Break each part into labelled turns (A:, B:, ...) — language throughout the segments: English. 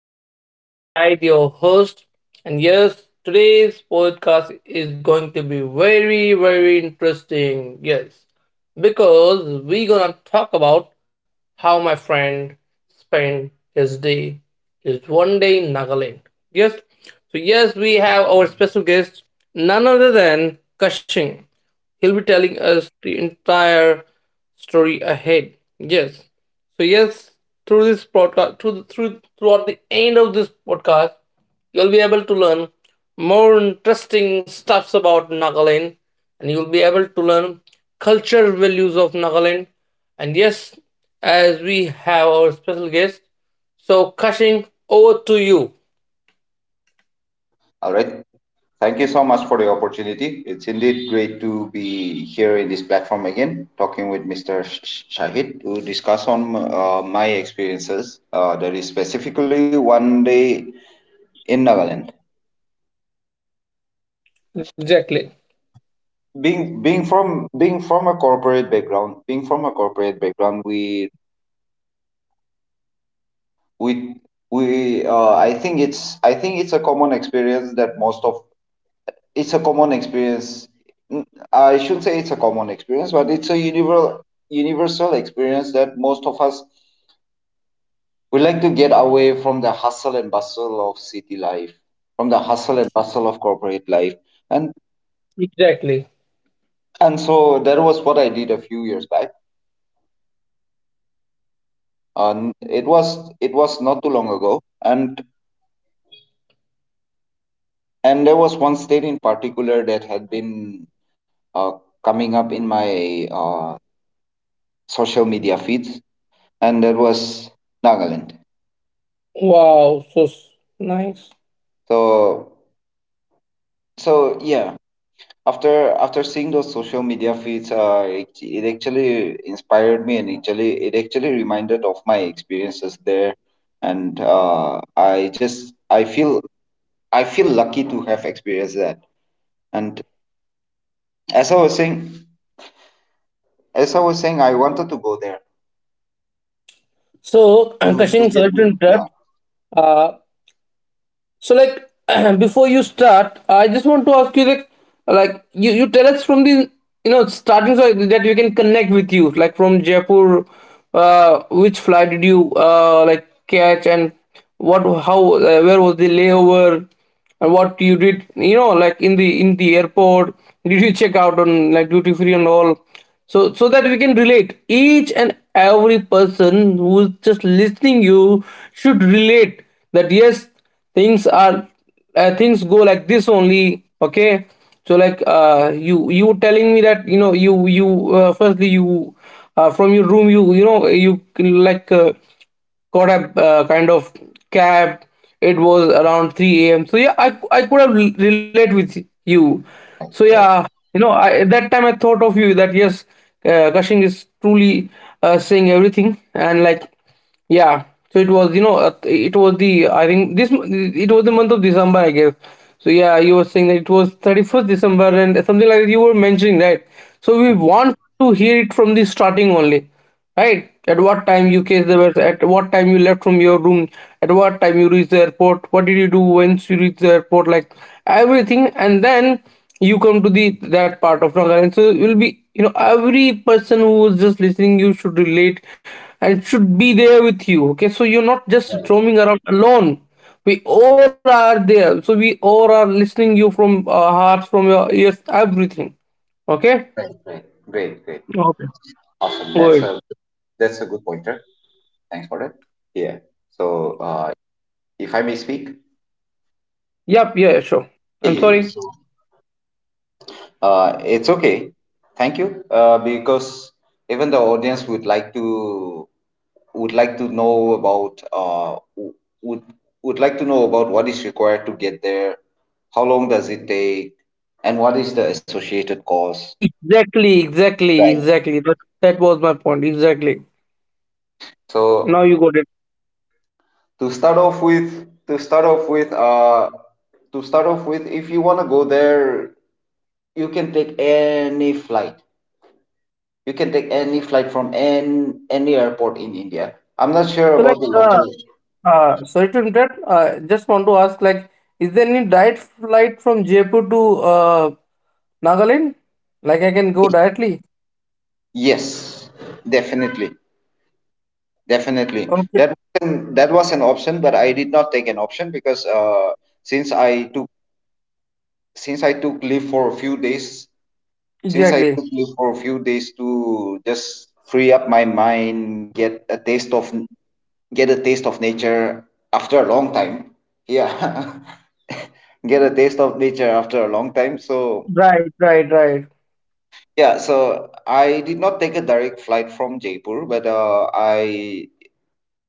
A: Session. This is Shahid, your host, and yes, today's podcast is going to be very, very interesting. Yes, because we're gonna talk about how my friend spent his day, his one day in Nagaland. Yes, so yes, we have our special guest, none other than Kashing. He'll be telling us the entire story ahead. Yes. So yes, through this podcast, throughout the end of this podcast, you'll be able to learn more interesting stuffs about Nagaland, and you'll be able to learn cultural values of Nagaland. And yes, as we have our special guest, so Kashing, over to you.
B: All right. Thank you so much for the opportunity. It's indeed great to be here in this platform again, talking with Shahid to discuss on my experiences. That is specifically one day in Nagaland.
A: Exactly.
B: Being being from a corporate background, being from a corporate background, we we I think it's a common experience that most of it's a common experience. N- I shouldn't say it's a common experience, but it's a universal experience that most of us we like to get away from the hustle and bustle of city life, from the hustle and bustle of corporate life, and
A: Exactly.
B: so that was what I did a few years back. And it was not too long ago, and there was one state in particular that had been uh, coming up in my social media feeds, and that was Nagaland.
A: Wow, so nice.
B: So so yeah, after seeing those social media feeds, it actually inspired me and actually it actually reminded of my experiences there, and I feel lucky to have experienced that. And as I was saying, as I was saying, I wanted to go there
A: So,
B: to
A: Cushing,
B: get
A: sorry
B: to
A: to interrupt.
B: yeah,
A: Uh, so like before you start, I just want to ask you, like, like you tell us from the, starting, so that we can connect with you, like from Jaipur, which flight did you like catch, and what how where was the layover, and what you did, like, in the airport, did you check out on like duty free and all, so that we can relate, each and every person who's just listening, you should relate that yes, things are, things go like this only. Okay, so like, you telling me that, you you firstly you, from your room, you know you like got a, kind of cab. It was around 3 a.m, so yeah, I could have relate with you. So yeah,
B: right.
A: at that time I thought of you, that yes, Kashing is truly, saying everything, and, like, yeah, so it was, it was the, I think this, it was the month of December, I guess. So yeah, you were saying that it was 31st December and something like that you were mentioning, right? So we
B: Mhm.
A: want to hear it from the starting only, right? At what time you came there, at what time you left from your room, at what time you reached the airport, what did you do once you reached the airport, like, everything. And then you come to the that part of Nagaland, so it will be, every person who is just listening, you should relate and should be there with you. Okay, so you're not just
B: Right,
A: roaming around alone. We all are there. So we all are listening you from our hearts, from your ears, everything. Okay,
B: right, right. Great, great,
A: Okay.
B: awesome.
A: Good.
B: That's a good pointer. Thanks for that. Yeah. So if I may speak.
A: Yep. Yeah. Yeah, Sure. I'm sorry.
B: Yes. It's okay. Thank you. Because even the audience would like to know about w- would would like to know about what is required to get there, how long does it take, and what is the associated cost.
A: Exactly. Exactly.
B: Right.
A: Exactly. That was my point. Exactly. Now
B: So
A: you got it.
B: to start off with, to start off with, to start off with, if you want to go there, you can take any flight. You can take any flight from any airport in India. I'm not sure
A: So like,
B: about the local.
A: sorry to interrupt. Just want to ask, like, is there any direct flight from Jaipur to uh Nagaland? Like, I can go directly.
B: Yes, definitely, definitely.
A: Okay.
B: That wasn't- that was an option, but I did not take an option because since I took since I took leave for a few days, since I
A: Exactly.
B: took leave for a few days to just free up my mind, get a taste of nature after a long time. Yeah, get a taste of nature after a long time. So
A: Right, right, right.
B: yeah, so I did not take a direct flight from Jaipur, but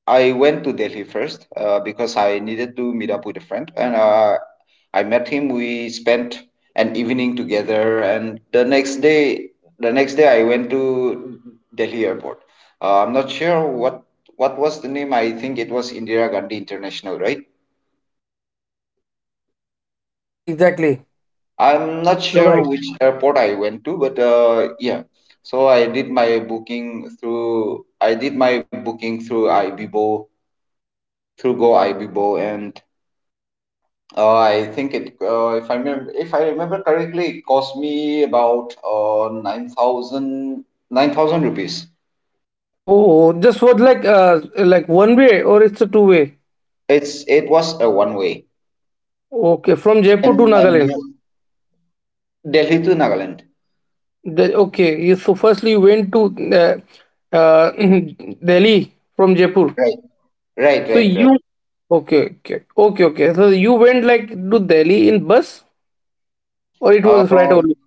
B: I went to Delhi first because I needed to meet up with a friend, and I met him. We spent an evening together, and the next day I went to Delhi airport. I'm not sure what was the name. I think it was Indira Gandhi International, right?
A: Exactly, exactly.
B: I'm not
A: You're
B: sure
A: right.
B: which airport I went to, but yeah. So I did my booking through Ibibo, through Go Ibibo, and I think it. If I remember correctly, it cost me about 9,000 rupees.
A: Oh, this was like one way, or it's a two way.
B: It was a one way,
A: Okay, from Jaipur to
B: and
A: Nagaland.
B: yeah, Delhi to Nagaland.
A: Okay, so firstly you went to, uh, uh, Delhi from Jaipur.
B: Right,
A: So
B: right.
A: you Okay, okay, okay, okay. So you went like to Delhi in bus, or it was flight
B: Uh,
A: only?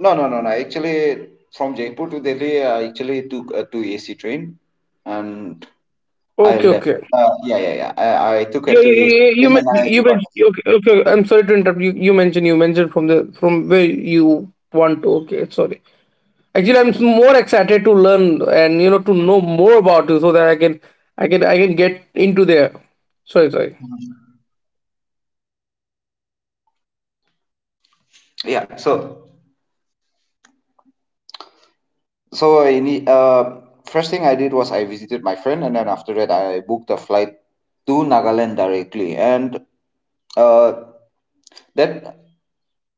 B: No. Actually, from Jaipur to Delhi, I actually took a 2 AC train and I
A: Okay,
B: left.
A: okay.
B: Yeah. I took a
A: You
B: 2
A: you
B: AC
A: you, you,
B: train and
A: men-
B: I
A: you
B: departed.
A: mentioned. Okay, okay. I'm sorry to interrupt. You mentioned from the, from where you want to. Okay, sorry. Actually, I'm more excited to learn and, to know more about you, so that I can get into there. Sorry, sorry.
B: Yeah, so first thing I did was I visited my friend and then after that I booked a flight to Nagaland directly. And uh, that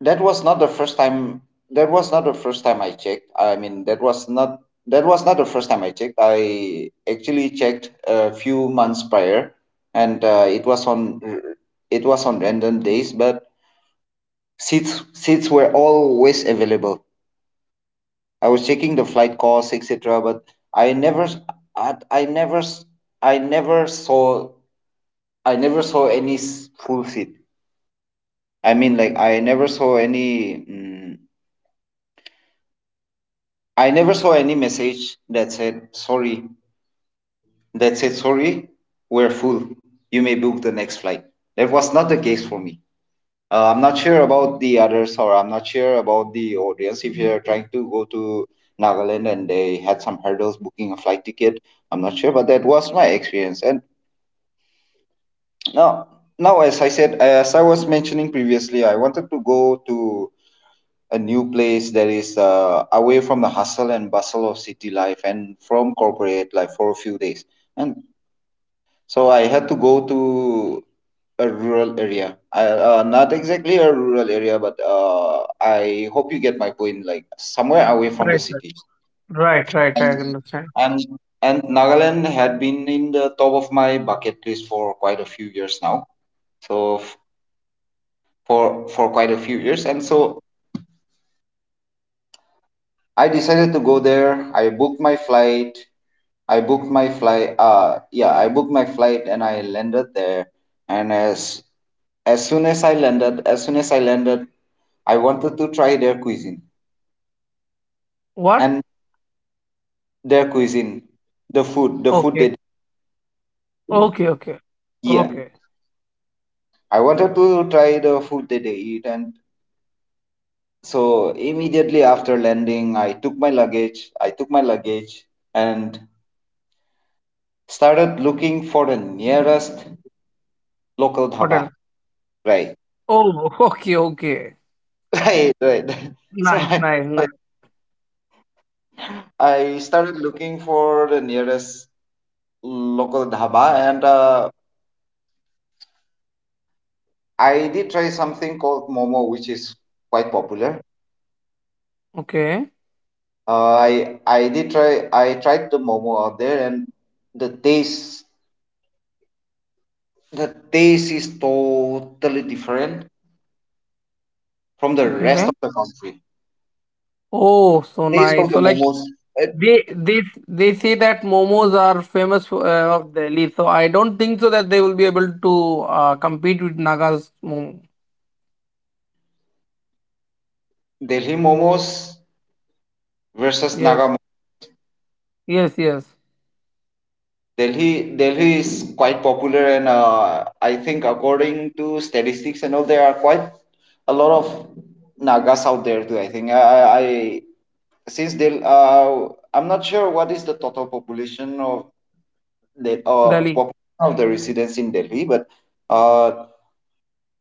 B: that was not the first time that was not the first time I checked I mean that was not the first time I actually checked a few months prior, and it was on random days, but seats were always available. I was checking the flight costs, etc., but I never I, I never s- I never saw I never saw any s- full seat I mean like I never saw any mm I never saw any message that said sorry. That said sorry, we're full. You may book the next flight. That was not the case for me. I'm not sure about the others, or I'm not sure about the audience. If you're trying to go to Nagaland and they had some hurdles booking a flight ticket, I'm not sure, but that was my experience. And now, now as I said, as I was mentioning previously, I wanted to go to a new place that is away from the hustle and bustle of city life and from corporate life for a few days. And so I had to go to a rural area. Not exactly a rural area, but I hope you get my point. Like somewhere away from the
A: Right,
B: city.
A: right, right, right.
B: And
A: I understand.
B: and Nagaland had been in the top of my bucket list for quite a few years now. So f- for quite a few years, and so I decided to go there. I booked my flight. Yeah, I booked my flight and I landed there. And as soon as I landed, I wanted to try their cuisine
A: What?
B: and their cuisine, the food
A: Okay,
B: they
A: okay, okay,
B: yeah,
A: okay.
B: I wanted to try the food that they eat. And so immediately after landing, I took my luggage. And started looking for the nearest local
A: What
B: dhaba.
A: else?
B: Right,
A: Oh, okay, okay.
B: right. So
A: Nice, nice,
B: I
A: nice.
B: I started looking for the nearest local dhaba, and I did try something called momo, which is quite popular.
A: Okay,
B: I did try I tried the momo out there, and the taste the taste is totally different from the rest
A: okay.
B: of the country.
A: Oh, so
B: Taste of
A: nice.
B: the
A: So like
B: momos. uh,
A: they they they say that momos are famous for, of Delhi. So I don't think so that they will be able to, compete with Naga's momo.
B: Delhi momos versus Naga.
A: Yes, yes, yes.
B: Delhi is quite popular, and I think according to statistics and all, there are quite a lot of Nagas out there too. I think I- Since I'm not sure what is the total
A: Delhi,
B: population of the residents in Delhi, but uh,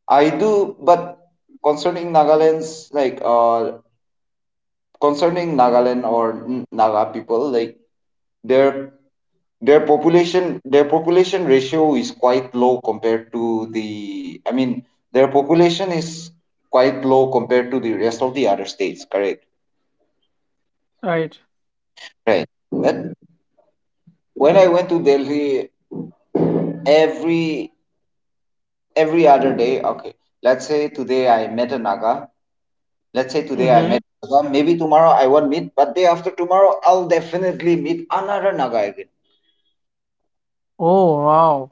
B: I do. But concerning Nagaland's like uh, concerning Nagaland or Naga people, like Their their population ratio is quite low compared to the, I mean, their population is quite low compared to the rest of the other states. Correct.
A: right?
B: Right. But when I went to Delhi, every every other day. Okay. Let's say today I met a Naga. Let's say today I
A: Mm-hmm.
B: met a Naga. Maybe tomorrow I won't meet, but day after tomorrow I'll definitely meet another Naga again.
A: Oh, wow.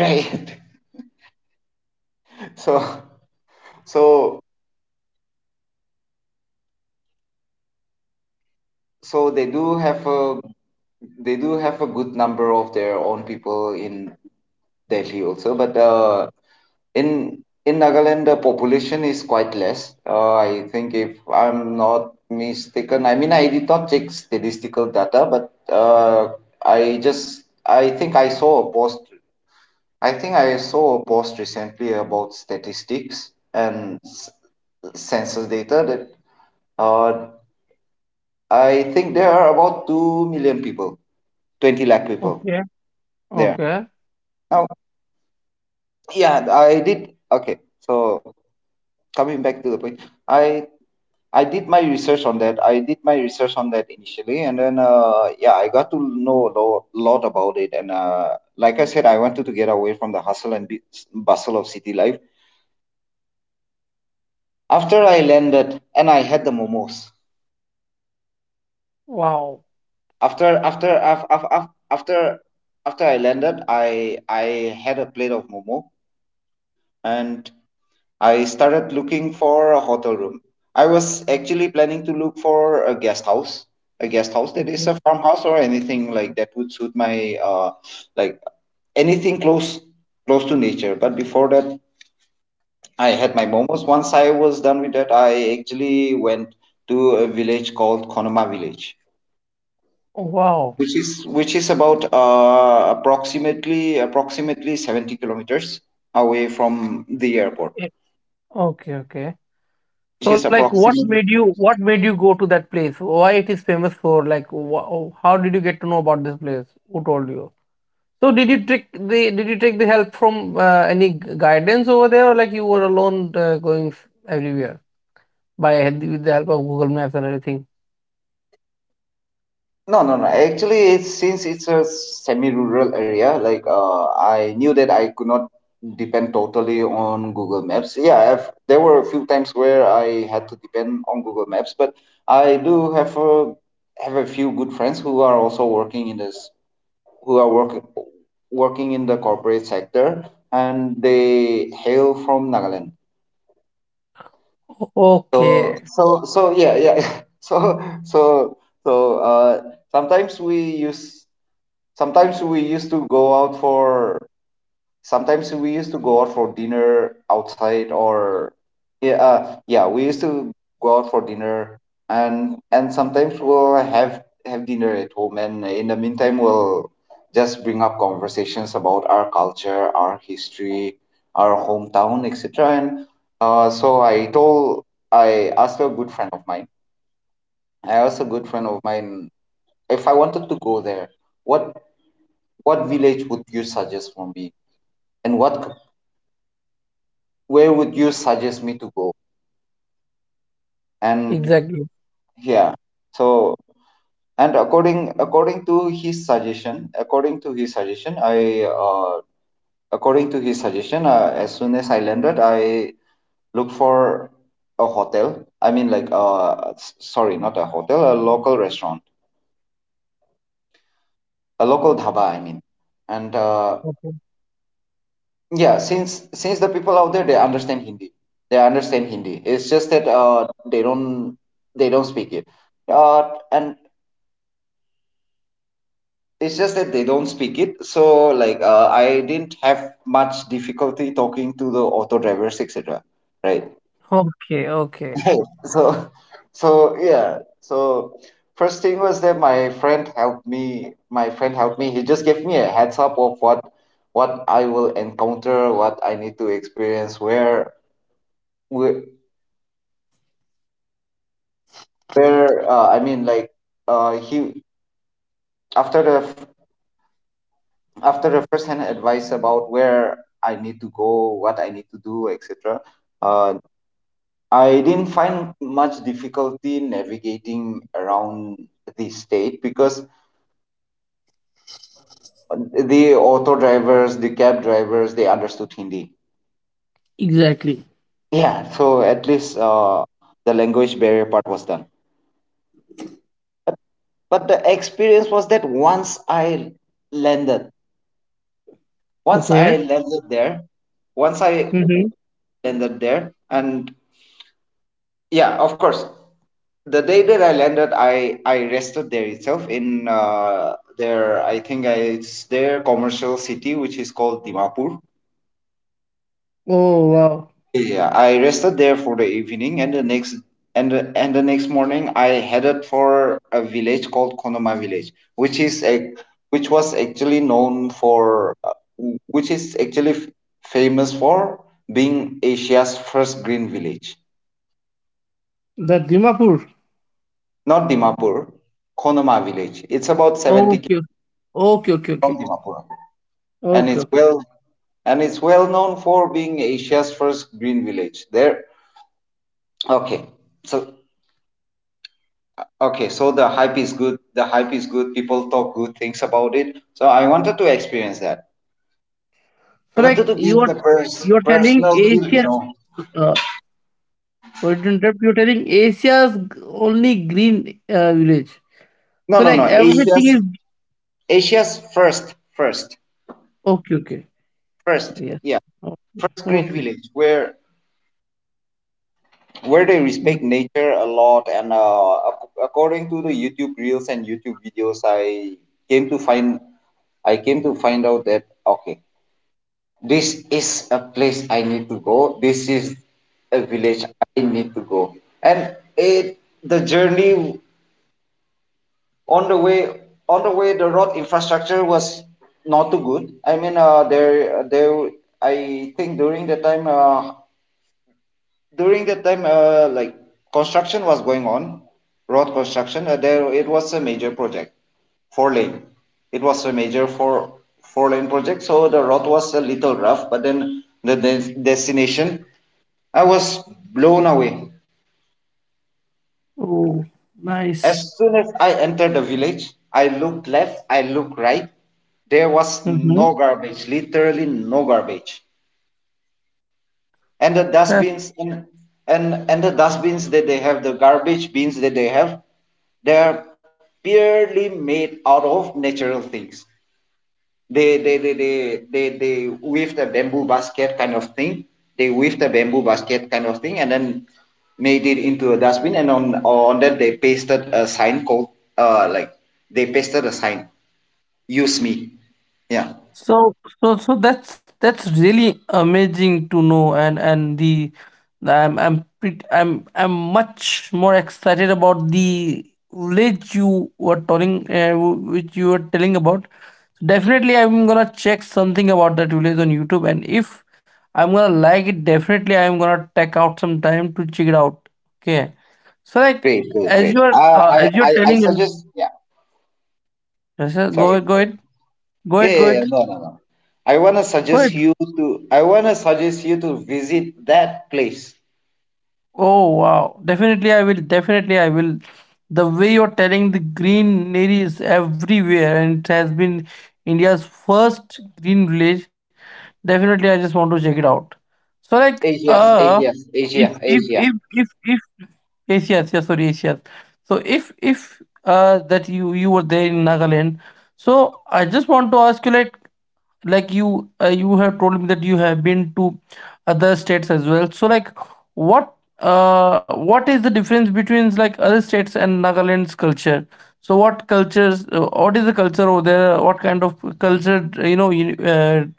B: Right. So so so they do have a, they do have a good number of their own people in Delhi also, but in in Nagaland the population is quite less. I think if I'm not mistaken, I mean I did not check statistical data, but I think I saw a post. I think I saw a post recently about statistics and census data that uh, I think there are about 2 million people, 20 lakh people
A: Okay.
B: there.
A: Okay.
B: Now, yeah, I did. Okay, so coming back to the point, I I did my research on that initially, and then yeah, I got to know a lot, lot about it. And like I said, I wanted to get away from the hustle and bustle of city life. After I landed, and I had the momos.
A: Wow.
B: After after af- af- af- after After I landed, I had a plate of momo, and I started looking for a hotel room. I was actually planning to look for a guest house that is a
A: Okay.
B: farmhouse or anything like that would suit my like anything close, close to nature. But before that, I had my momos. Once I was done with that, I actually went to a village called Konoma village,
A: Oh, wow.
B: which is about approximately 70 kilometers away from the airport,
A: Yeah. Okay, okay.
B: which is
A: So, like,
B: approximately.
A: what made you go to that place? Why it is famous for? Like, wh how you get to know about this place? Who told you? So, did you take the help from, any guidance over there, or like you were alone, going everywhere with the help of Google Maps and everything?
B: No, No. Actually, it's, since it's a semi-rural area, like I knew that I could not depend totally on Google Maps. There were a few times where I had to depend on Google Maps, but I do have a, have a few good friends who are also working in this, who are working working in the corporate sector, and they hail from Nagaland. So,
A: Okay,
B: yeah, yeah. So, so, uh, sometimes we use sometimes we used to go out for, sometimes we used to go out for dinner outside, or yeah, we used to go out for dinner. And sometimes we'll have dinner at home, and in the meantime we'll just bring up conversations about our culture, our history, our hometown, etc. And so I asked a good friend of mine. I asked a good friend of mine if I wanted to go there. What what village would you suggest for me and what where would you suggest me to go and
A: exactly.
B: yeah, so and according according to his suggestion according to his suggestion I according to his suggestion as soon as I landed I looked for a hotel. I mean, like sorry, not a hotel, a local restaurant, a local dhaba I mean. And
A: Okay.
B: Yeah, since the people out there, they understand Hindi, they understand Hindi. It's just that they don't speak it. And it's just that they don't speak it. So like, I didn't have much difficulty talking to the auto drivers, etc. Right?
A: Okay, okay.
B: So so yeah. So first thing was that my friend helped me. He just gave me a heads up of what I will encounter, what I need to experience, where. Wh- where I mean, like he after the f- After the first-hand advice about where I need to go, what I need to do, etc. Uh, I didn't find much difficulty navigating around the state, because the auto drivers, the cab drivers, they understood Hindi.
A: Exactly.
B: Yeah, so at least, the language barrier part was done. But the experience was that once I landed, once I
A: Okay.
B: landed there, once I
A: Mm-hmm.
B: landed there, and yeah, of course, the day that I landed, I rested there itself in their, I think, it's their commercial city, which is called Dimapur.
A: Oh wow,
B: Yeah, I rested there for the evening, and the next and the next morning I headed for a village called Konoma village, which is a which was actually known for which is actually f- famous for being Asia's first green village.
A: the Dimapur.
B: Not Dimapur, Konoma village. It's about 70 km
A: Okay. Okay. Okay.
B: from
A: Okay.
B: Dimapur, and
A: Okay. Okay.
B: it's well known for being Asia's first green village. There, okay, so okay, so the hype is good. The hype is good. People talk good things about it. So I wanted to experience that.
A: So
B: I wanted
A: like
B: to give the
A: you are telling
B: personal feel, you
A: Asia.
B: know.
A: Uh, sorry to interrupt. You are telling Asia's only green, village.
B: No,
A: So
B: no,
A: like
B: no.
A: everything is
B: Asia's first,
A: okay. Okay.
B: first.
A: Yes.
B: Yeah,
A: Okay.
B: first green
A: Okay.
B: village where they respect nature a lot. And according to the YouTube reels and YouTube videos, I came to find I came to find out that, okay, this is a place I need to go. This is a village I need to go. And it the journey, on the way on the way the road infrastructure was not too good. I mean, there there I think during the time, during that time like construction was going on, road construction. There it was a major project, four lane. It was a major four-lane project. So the road was a little rough, but then the destination, I was blown away.
A: Oh, nice.
B: As soon as I entered the village, I looked left, I looked right, there was
A: Mm-hmm.
B: no garbage, literally no garbage. And the dustbins, and the dustbins that they have, the garbage bins that they have, they are purely made out of natural things. They weave the bamboo basket kind of thing, they weave the bamboo basket kind of thing and then made it into a dustbin. And on that they pasted a sign called, uh like they pasted a sign, "Use me." Yeah.
A: So, that's really amazing to know, and the I'm pret- I'm much more excited about the ledge you were telling, which you were telling about. Definitely, I'm gonna check something about that village on YouTube, and if I'm gonna like it, definitely I'm gonna take out some time to check it out. Okay, so like,
B: great great great uh, i
A: as
B: i
A: you're
B: i
A: telling us,
B: suggest, yeah.
A: yes, sir,
B: Sorry.
A: go ahead, go
B: Yeah,
A: ahead, go
B: yeah, yeah.
A: ahead,
B: No, no, no.
A: go ahead.
B: I wanna suggest you to visit that place.
A: Oh wow. Definitely I will. Definitely I will. The way you're telling, the greenery is everywhere, and it has been India's first green village. Definitely I just want to check it out. So like,
B: Asia, Asia, Asia, Asia.
A: if yes, yes, yes, sorry, yes, yes. So if that you were there in Nagaland, so I just want to ask you, like, like you have told me that you have been to other states as well, so like, what what is the difference between, like, other states and Nagaland's culture? So what is the culture over there? What kind of culture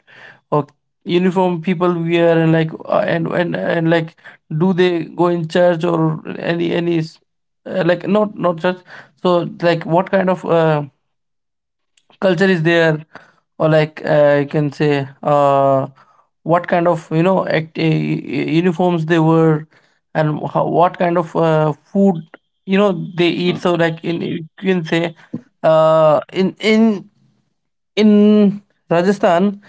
A: Okay, uniform people wear, and, like, and like, do they go in church, or any s- like not church? So like, what kind of, culture is there? Or, like, I can say, what kind of, uniforms they wear? And how, what kind of, food, they eat? So, like, in you can say uh in in in Rajasthan,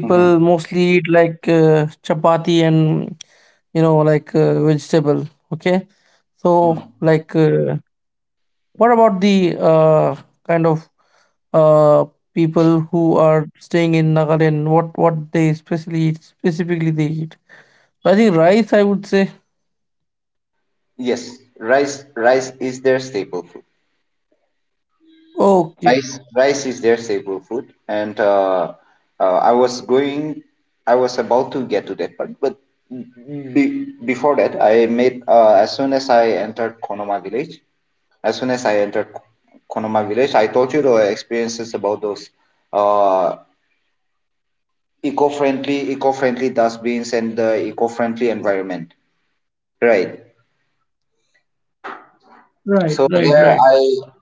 B: Hmm.
A: mostly eat, like, chapati and, like, vegetable. Okay, so
B: Hmm.
A: like, what about the, kind of, uh, people who are staying in Nagaland? What they specially eat, specifically they eat? I think rice, I would say.
B: Yes, rice, rice is their staple food.
A: Okay.
B: Rice is their staple food. And uh, i was going I was about to get to that part, but before that I made, as soon as I entered Konoma village, as soon as I entered konoma village I told you the experiences about those, uh, eco-friendly dustbins and the eco-friendly environment, right? So
A: Right. Right.
B: there,
A: Right.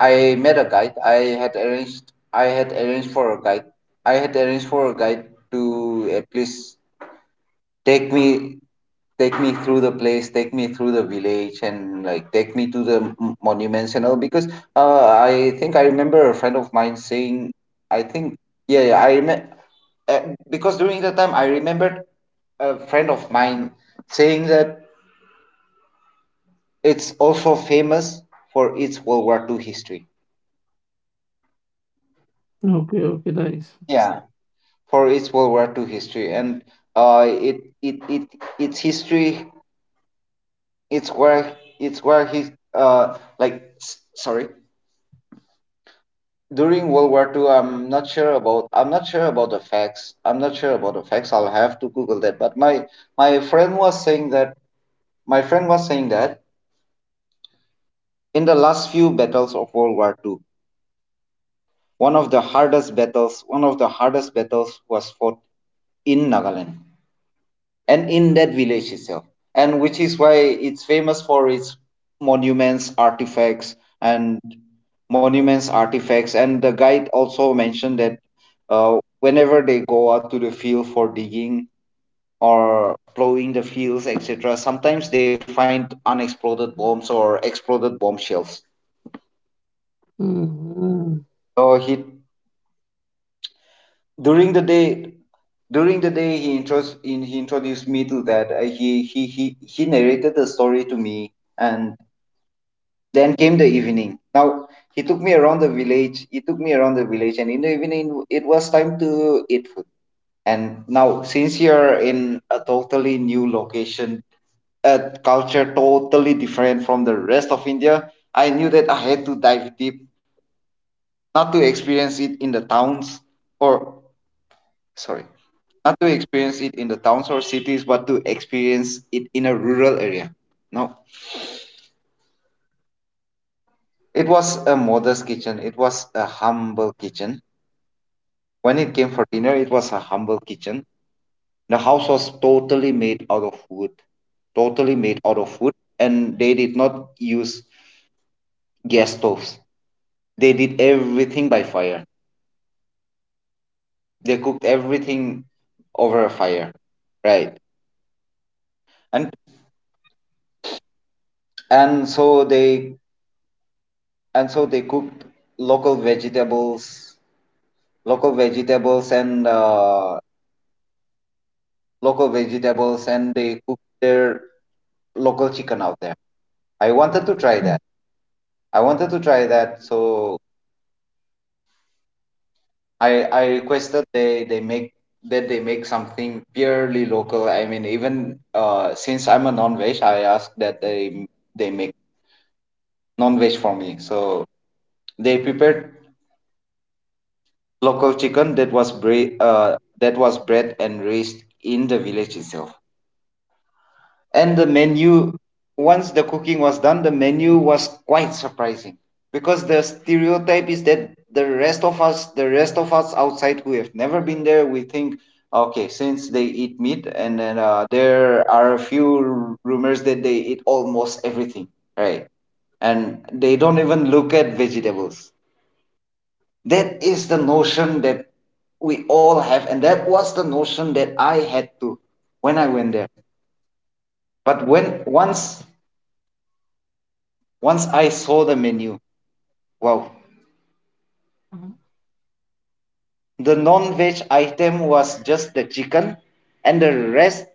B: I met a guide. I had arranged for a guide. I had arranged for a guide to please take me, through the place, take me through the village, and like take me to the monuments and all. Because, I think I remember a friend of mine saying, I think yeah, yeah I remember because during that time I remembered a friend of mine saying that it's also famous for its World War Two history.
A: Okay. Okay. Nice.
B: Yeah, for its World War II history, and it it it its history, it's where it's where his sorry, during World War II. I'm not sure about the facts. I'll have to Google that. But my friend was saying that, my friend was saying that in the last few battles of World War II, one of the hardest battles was fought in Nagaland, and in that village itself. And which is why it's famous for its monuments, artifacts, and the guide also mentioned that, whenever they go out to the field for digging or plowing the fields, etc, sometimes they find unexploded bombs or exploded bombshells. Shells
A: Mm-hmm.
B: So he, during the day, he intros in he introduced me to that. He narrated the story to me. And then came the evening. Now he took me around the village. And in the evening it was time to eat food. And now, since you're in a totally new location, a culture totally different from the rest of India, I knew that I had to dive deep, not to experience it in the towns or sorry, not to experience it in the towns or cities, but to experience it in a rural area. Now it was a modest kitchen. It was a humble kitchen when it came for dinner, it was a humble kitchen. The house was totally made out of wood, and they did not use gas stoves. They did everything by fire. They cooked everything over a fire, right? And and so they and so they cooked local vegetables, local vegetables and uh, and they cooked their local chicken out there. I wanted to try that. So I requested they make that they make something purely local. I mean, even, since I'm a non-veg, I asked that they make non-veg for me. So they prepared local chicken that was bred and raised in the village itself. And the menu, once the cooking was done, the menu was quite surprising, because the stereotype is that the rest of us outside who have never been there, we think, okay, since they eat meat, and then, there are a few rumors that they eat almost everything, right, and they don't even look at vegetables. That is the notion that we all have, and that was the notion that I had too when I went there. But when once once I saw the menu. Wow. The non-veg item was just the chicken, and the rest,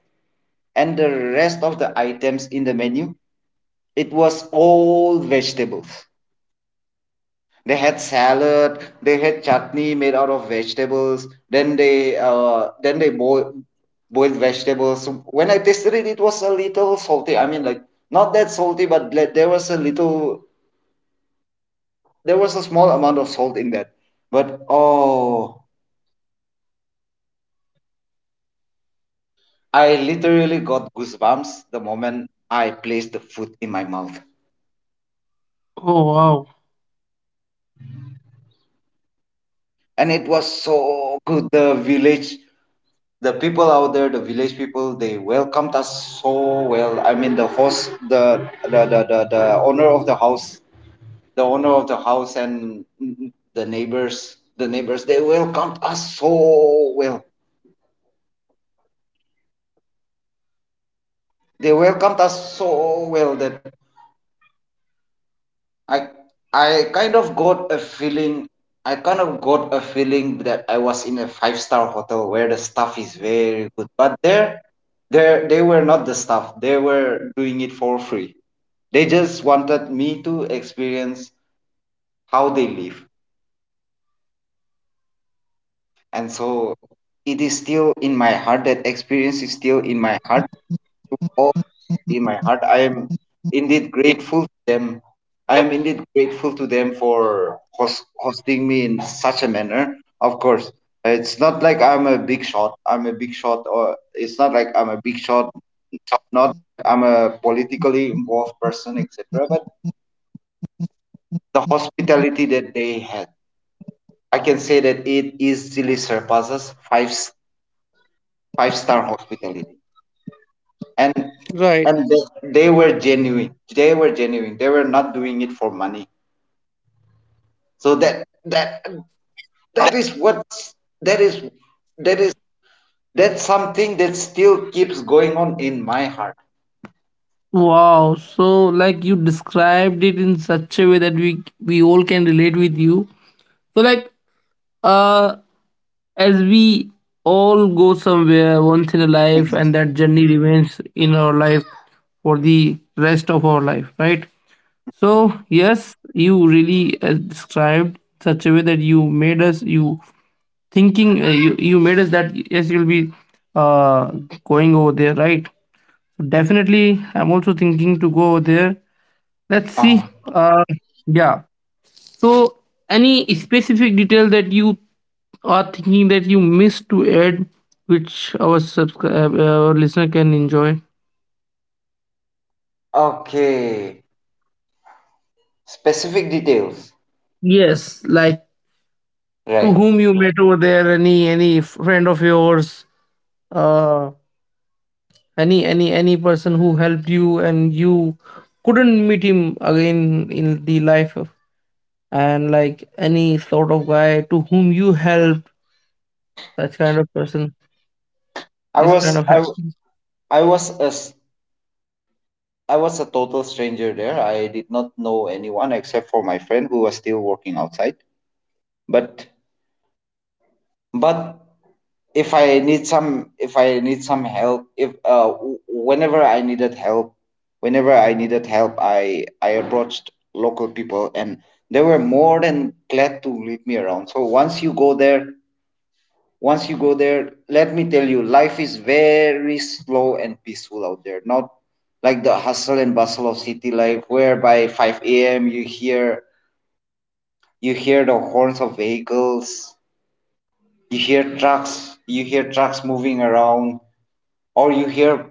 B: of the items in the menu, it was all vegetables. They had salad, they had chutney made out of vegetables, then they boiled vegetables. When I tasted it, it was a little salty. I mean, like, not that salty, but there was a little, there was a small amount of salt in that. But oh, I literally got goosebumps the moment I placed the food in my mouth.
A: Oh wow.
B: And it was so good. The village, the people out there, the village people, they welcomed us so well. I mean, the host, the owner of the house, and the neighbors, they welcomed us so well. They welcomed us so well that I I kind of got a feeling I kind of got a feeling that I was in a five-star hotel where the staff is very good. But there, they were not the staff. They were doing it for free. They just wanted me to experience how they live. And so it is still in my heart. That experience is still in my heart. Be my heart. I am indeed grateful to them. For hosting me in such a manner. Of course, it's not like I'm a big shot. I'm a big shot, or it's not like I'm a big shot. Not I'm a politically involved person, etc. But the hospitality that they had, I can say that it easily surpasses five star hospitality. And and they were genuine. They were not doing it for money. So that that that is what that is that is that's something that still keeps going on in my heart.
A: Wow, so like, you described it in such a way that we all can relate with you. So like, uh as we all go somewhere once in a life, and that journey remains in our life for the rest of our life, right? So yes, you really, described such a way that you made us, that yes, you'll be, uh, going over there, right? So, definitely I'm also thinking to go over there, let's see.
B: Ah,
A: uh, yeah, so, any specific detail that you are thinking that you missed to add, which our, listener can enjoy?
B: okay. Specific details.
A: Yes, like, to
B: Right.
A: whom you met over there, any friend of yours, uh, any person who helped you, and you couldn't meet him again in the life of, and like any sort of guy to whom you helped, such kind of person,
B: i
A: this
B: was
A: kind of help.
B: i, w- I was a s- I was a total stranger there. I did not know anyone except for my friend who was still working outside. But but if I need some if I need some help if w- whenever I needed help, I approached local people, and they were more than glad to lead me around. So once you go there, let me tell you, life is very slow and peaceful out there, not like the hustle and bustle of city life, where by 5 a.m. you hear the horns of vehicles. You hear trucks, you hear trucks moving around. Or you hear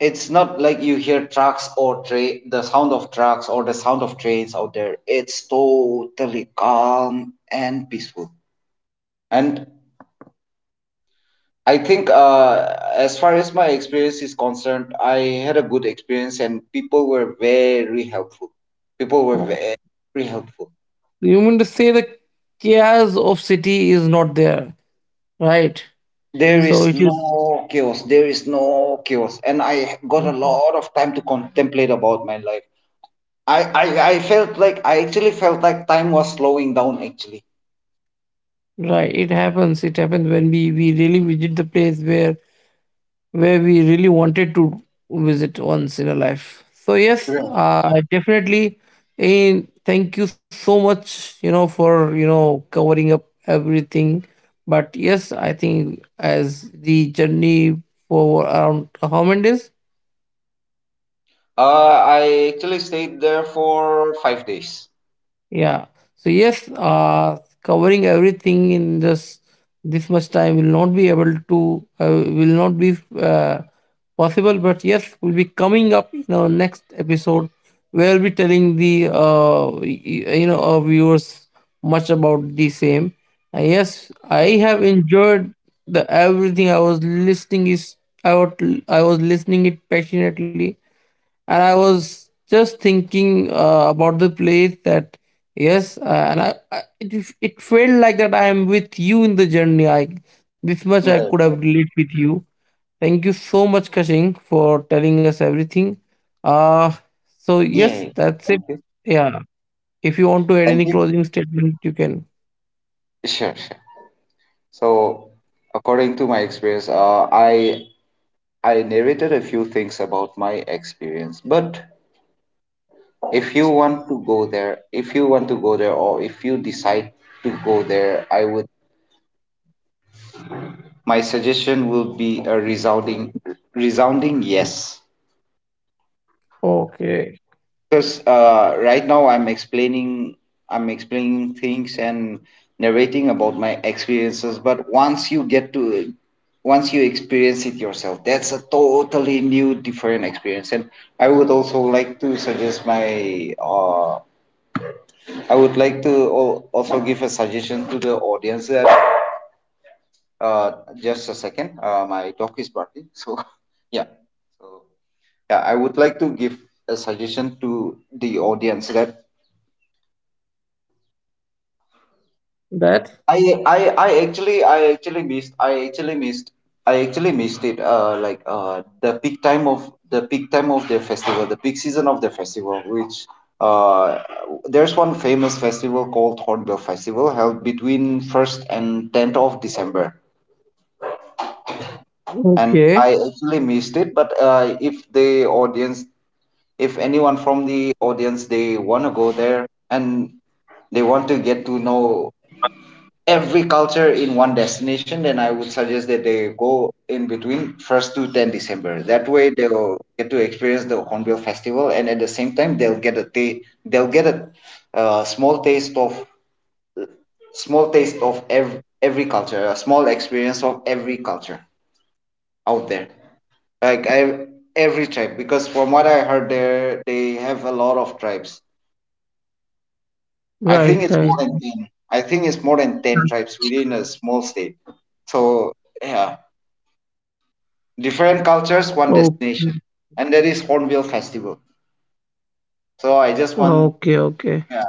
B: it's not like you hear trucks or train the sound of trucks or the sound of trains out there, it's totally calm and peaceful. And I think, as far as my experience is concerned, I had a good experience, and people were very helpful people were
A: Oh,
B: very helpful
A: you mean to say the chaos of city is not there, right?
B: There
A: So
B: is
A: it is
B: no chaos, and I got a lot of time to contemplate about my life. I felt like, I actually felt like time was slowing down actually.
A: right. It happens. It happens when we really visit the place where we really wanted to visit once in a life. So yes,
B: Right.
A: definitely. And thank you so much, for, covering up everything. But yes, I think as the journey, for around how many days?
B: I actually stayed there for 5 days.
A: Yeah. So yes, covering everything in just this much time will not be, possible. But yes, we'll be coming up in our next episode where we'll be telling the y- y- you know our viewers much about the same. And yes, I
B: Right.
A: have enjoyed the everything I was listening is, I was I was listening it passionately, and I was just thinking, about the place that, yes, it felt like that I am with you in the journey. I This much I
B: Right.
A: could
B: Right.
A: have
B: Right.
A: relate with you. Thank you so much, Kashing, for telling us everything. Uh, so
B: Yeah.
A: yes, that's
B: Thank
A: it.
B: you.
A: Yeah, if you want to add
B: Thank
A: any
B: you.
A: closing statement, you can.
B: Sure. Sure. So, according to my experience, I narrated a few things about my experience. But if you want to go there, if you want to go there, or if you decide to go there, I would. My suggestion will be a resounding, resounding yes.
A: Okay,
B: Because right now I'm explaining things and narrating about my experiences. But once you experience it yourself, that's a totally new, different experience. And I would also like to suggest my I would like to also give a suggestion to the audience that, uh, just a second, my dog is barking. So yeah, so yeah, I would like to give a suggestion to the audience that.
A: that.
B: I I I actually I actually missed I actually missed I actually missed it, like the peak time of the peak time of the festival the peak season of the festival, which, uh there's one famous festival called Hornbill Festival, held between 1st and 10th of December, and
A: Okay,
B: I actually missed it. But if the audience, if anyone from the audience, they want to go there and they want to get to know every culture in one destination, then I would suggest that they go in between first to 10 December. That way they'll get to experience the Hornbill Festival, and at the same time they'll they'll get a, small taste of, every culture, a small experience of every culture out there, like I, every tribe. Because from what I heard, there they have a lot of tribes. I
A: right,
B: think it's more
A: right.
B: than 10. I think it's more than ten tribes within a small state. So yeah, different cultures,
A: Okay,
B: one destination, and that is Hornbill Festival. So
A: okay,
B: I just want,
A: okay.
B: yeah.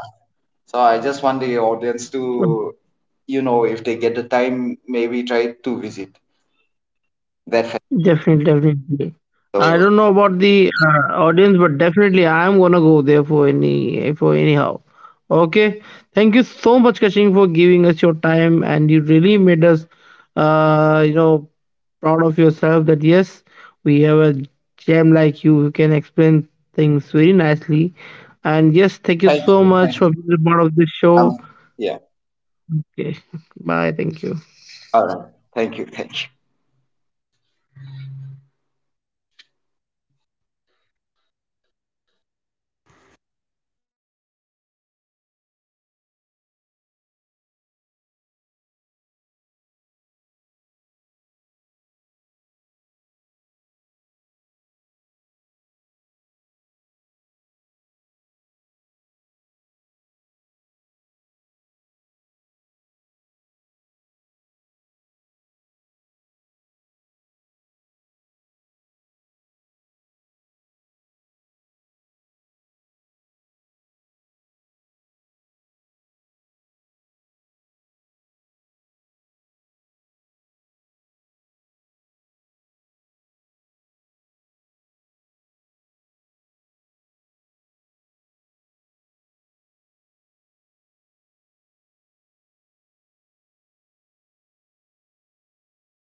B: So I just want the audience to, if they get the time, maybe try to visit that
A: Definitely, definitely. I
B: festival.
A: don't know about the, audience, but definitely I am gonna go there for, anyhow. Okay, thank you so much, Kashing, for giving us your time, and you really made us, uh, you know, proud of yourself, that yes, we have a gem like you who can explain things very nicely. And yes, thank you
B: Thank you.
A: so
B: Thank
A: much
B: you.
A: for being a part of this
B: Um,
A: show.
B: yeah.
A: Okay, bye. Thank you.
B: All right. Thank you. Thank you.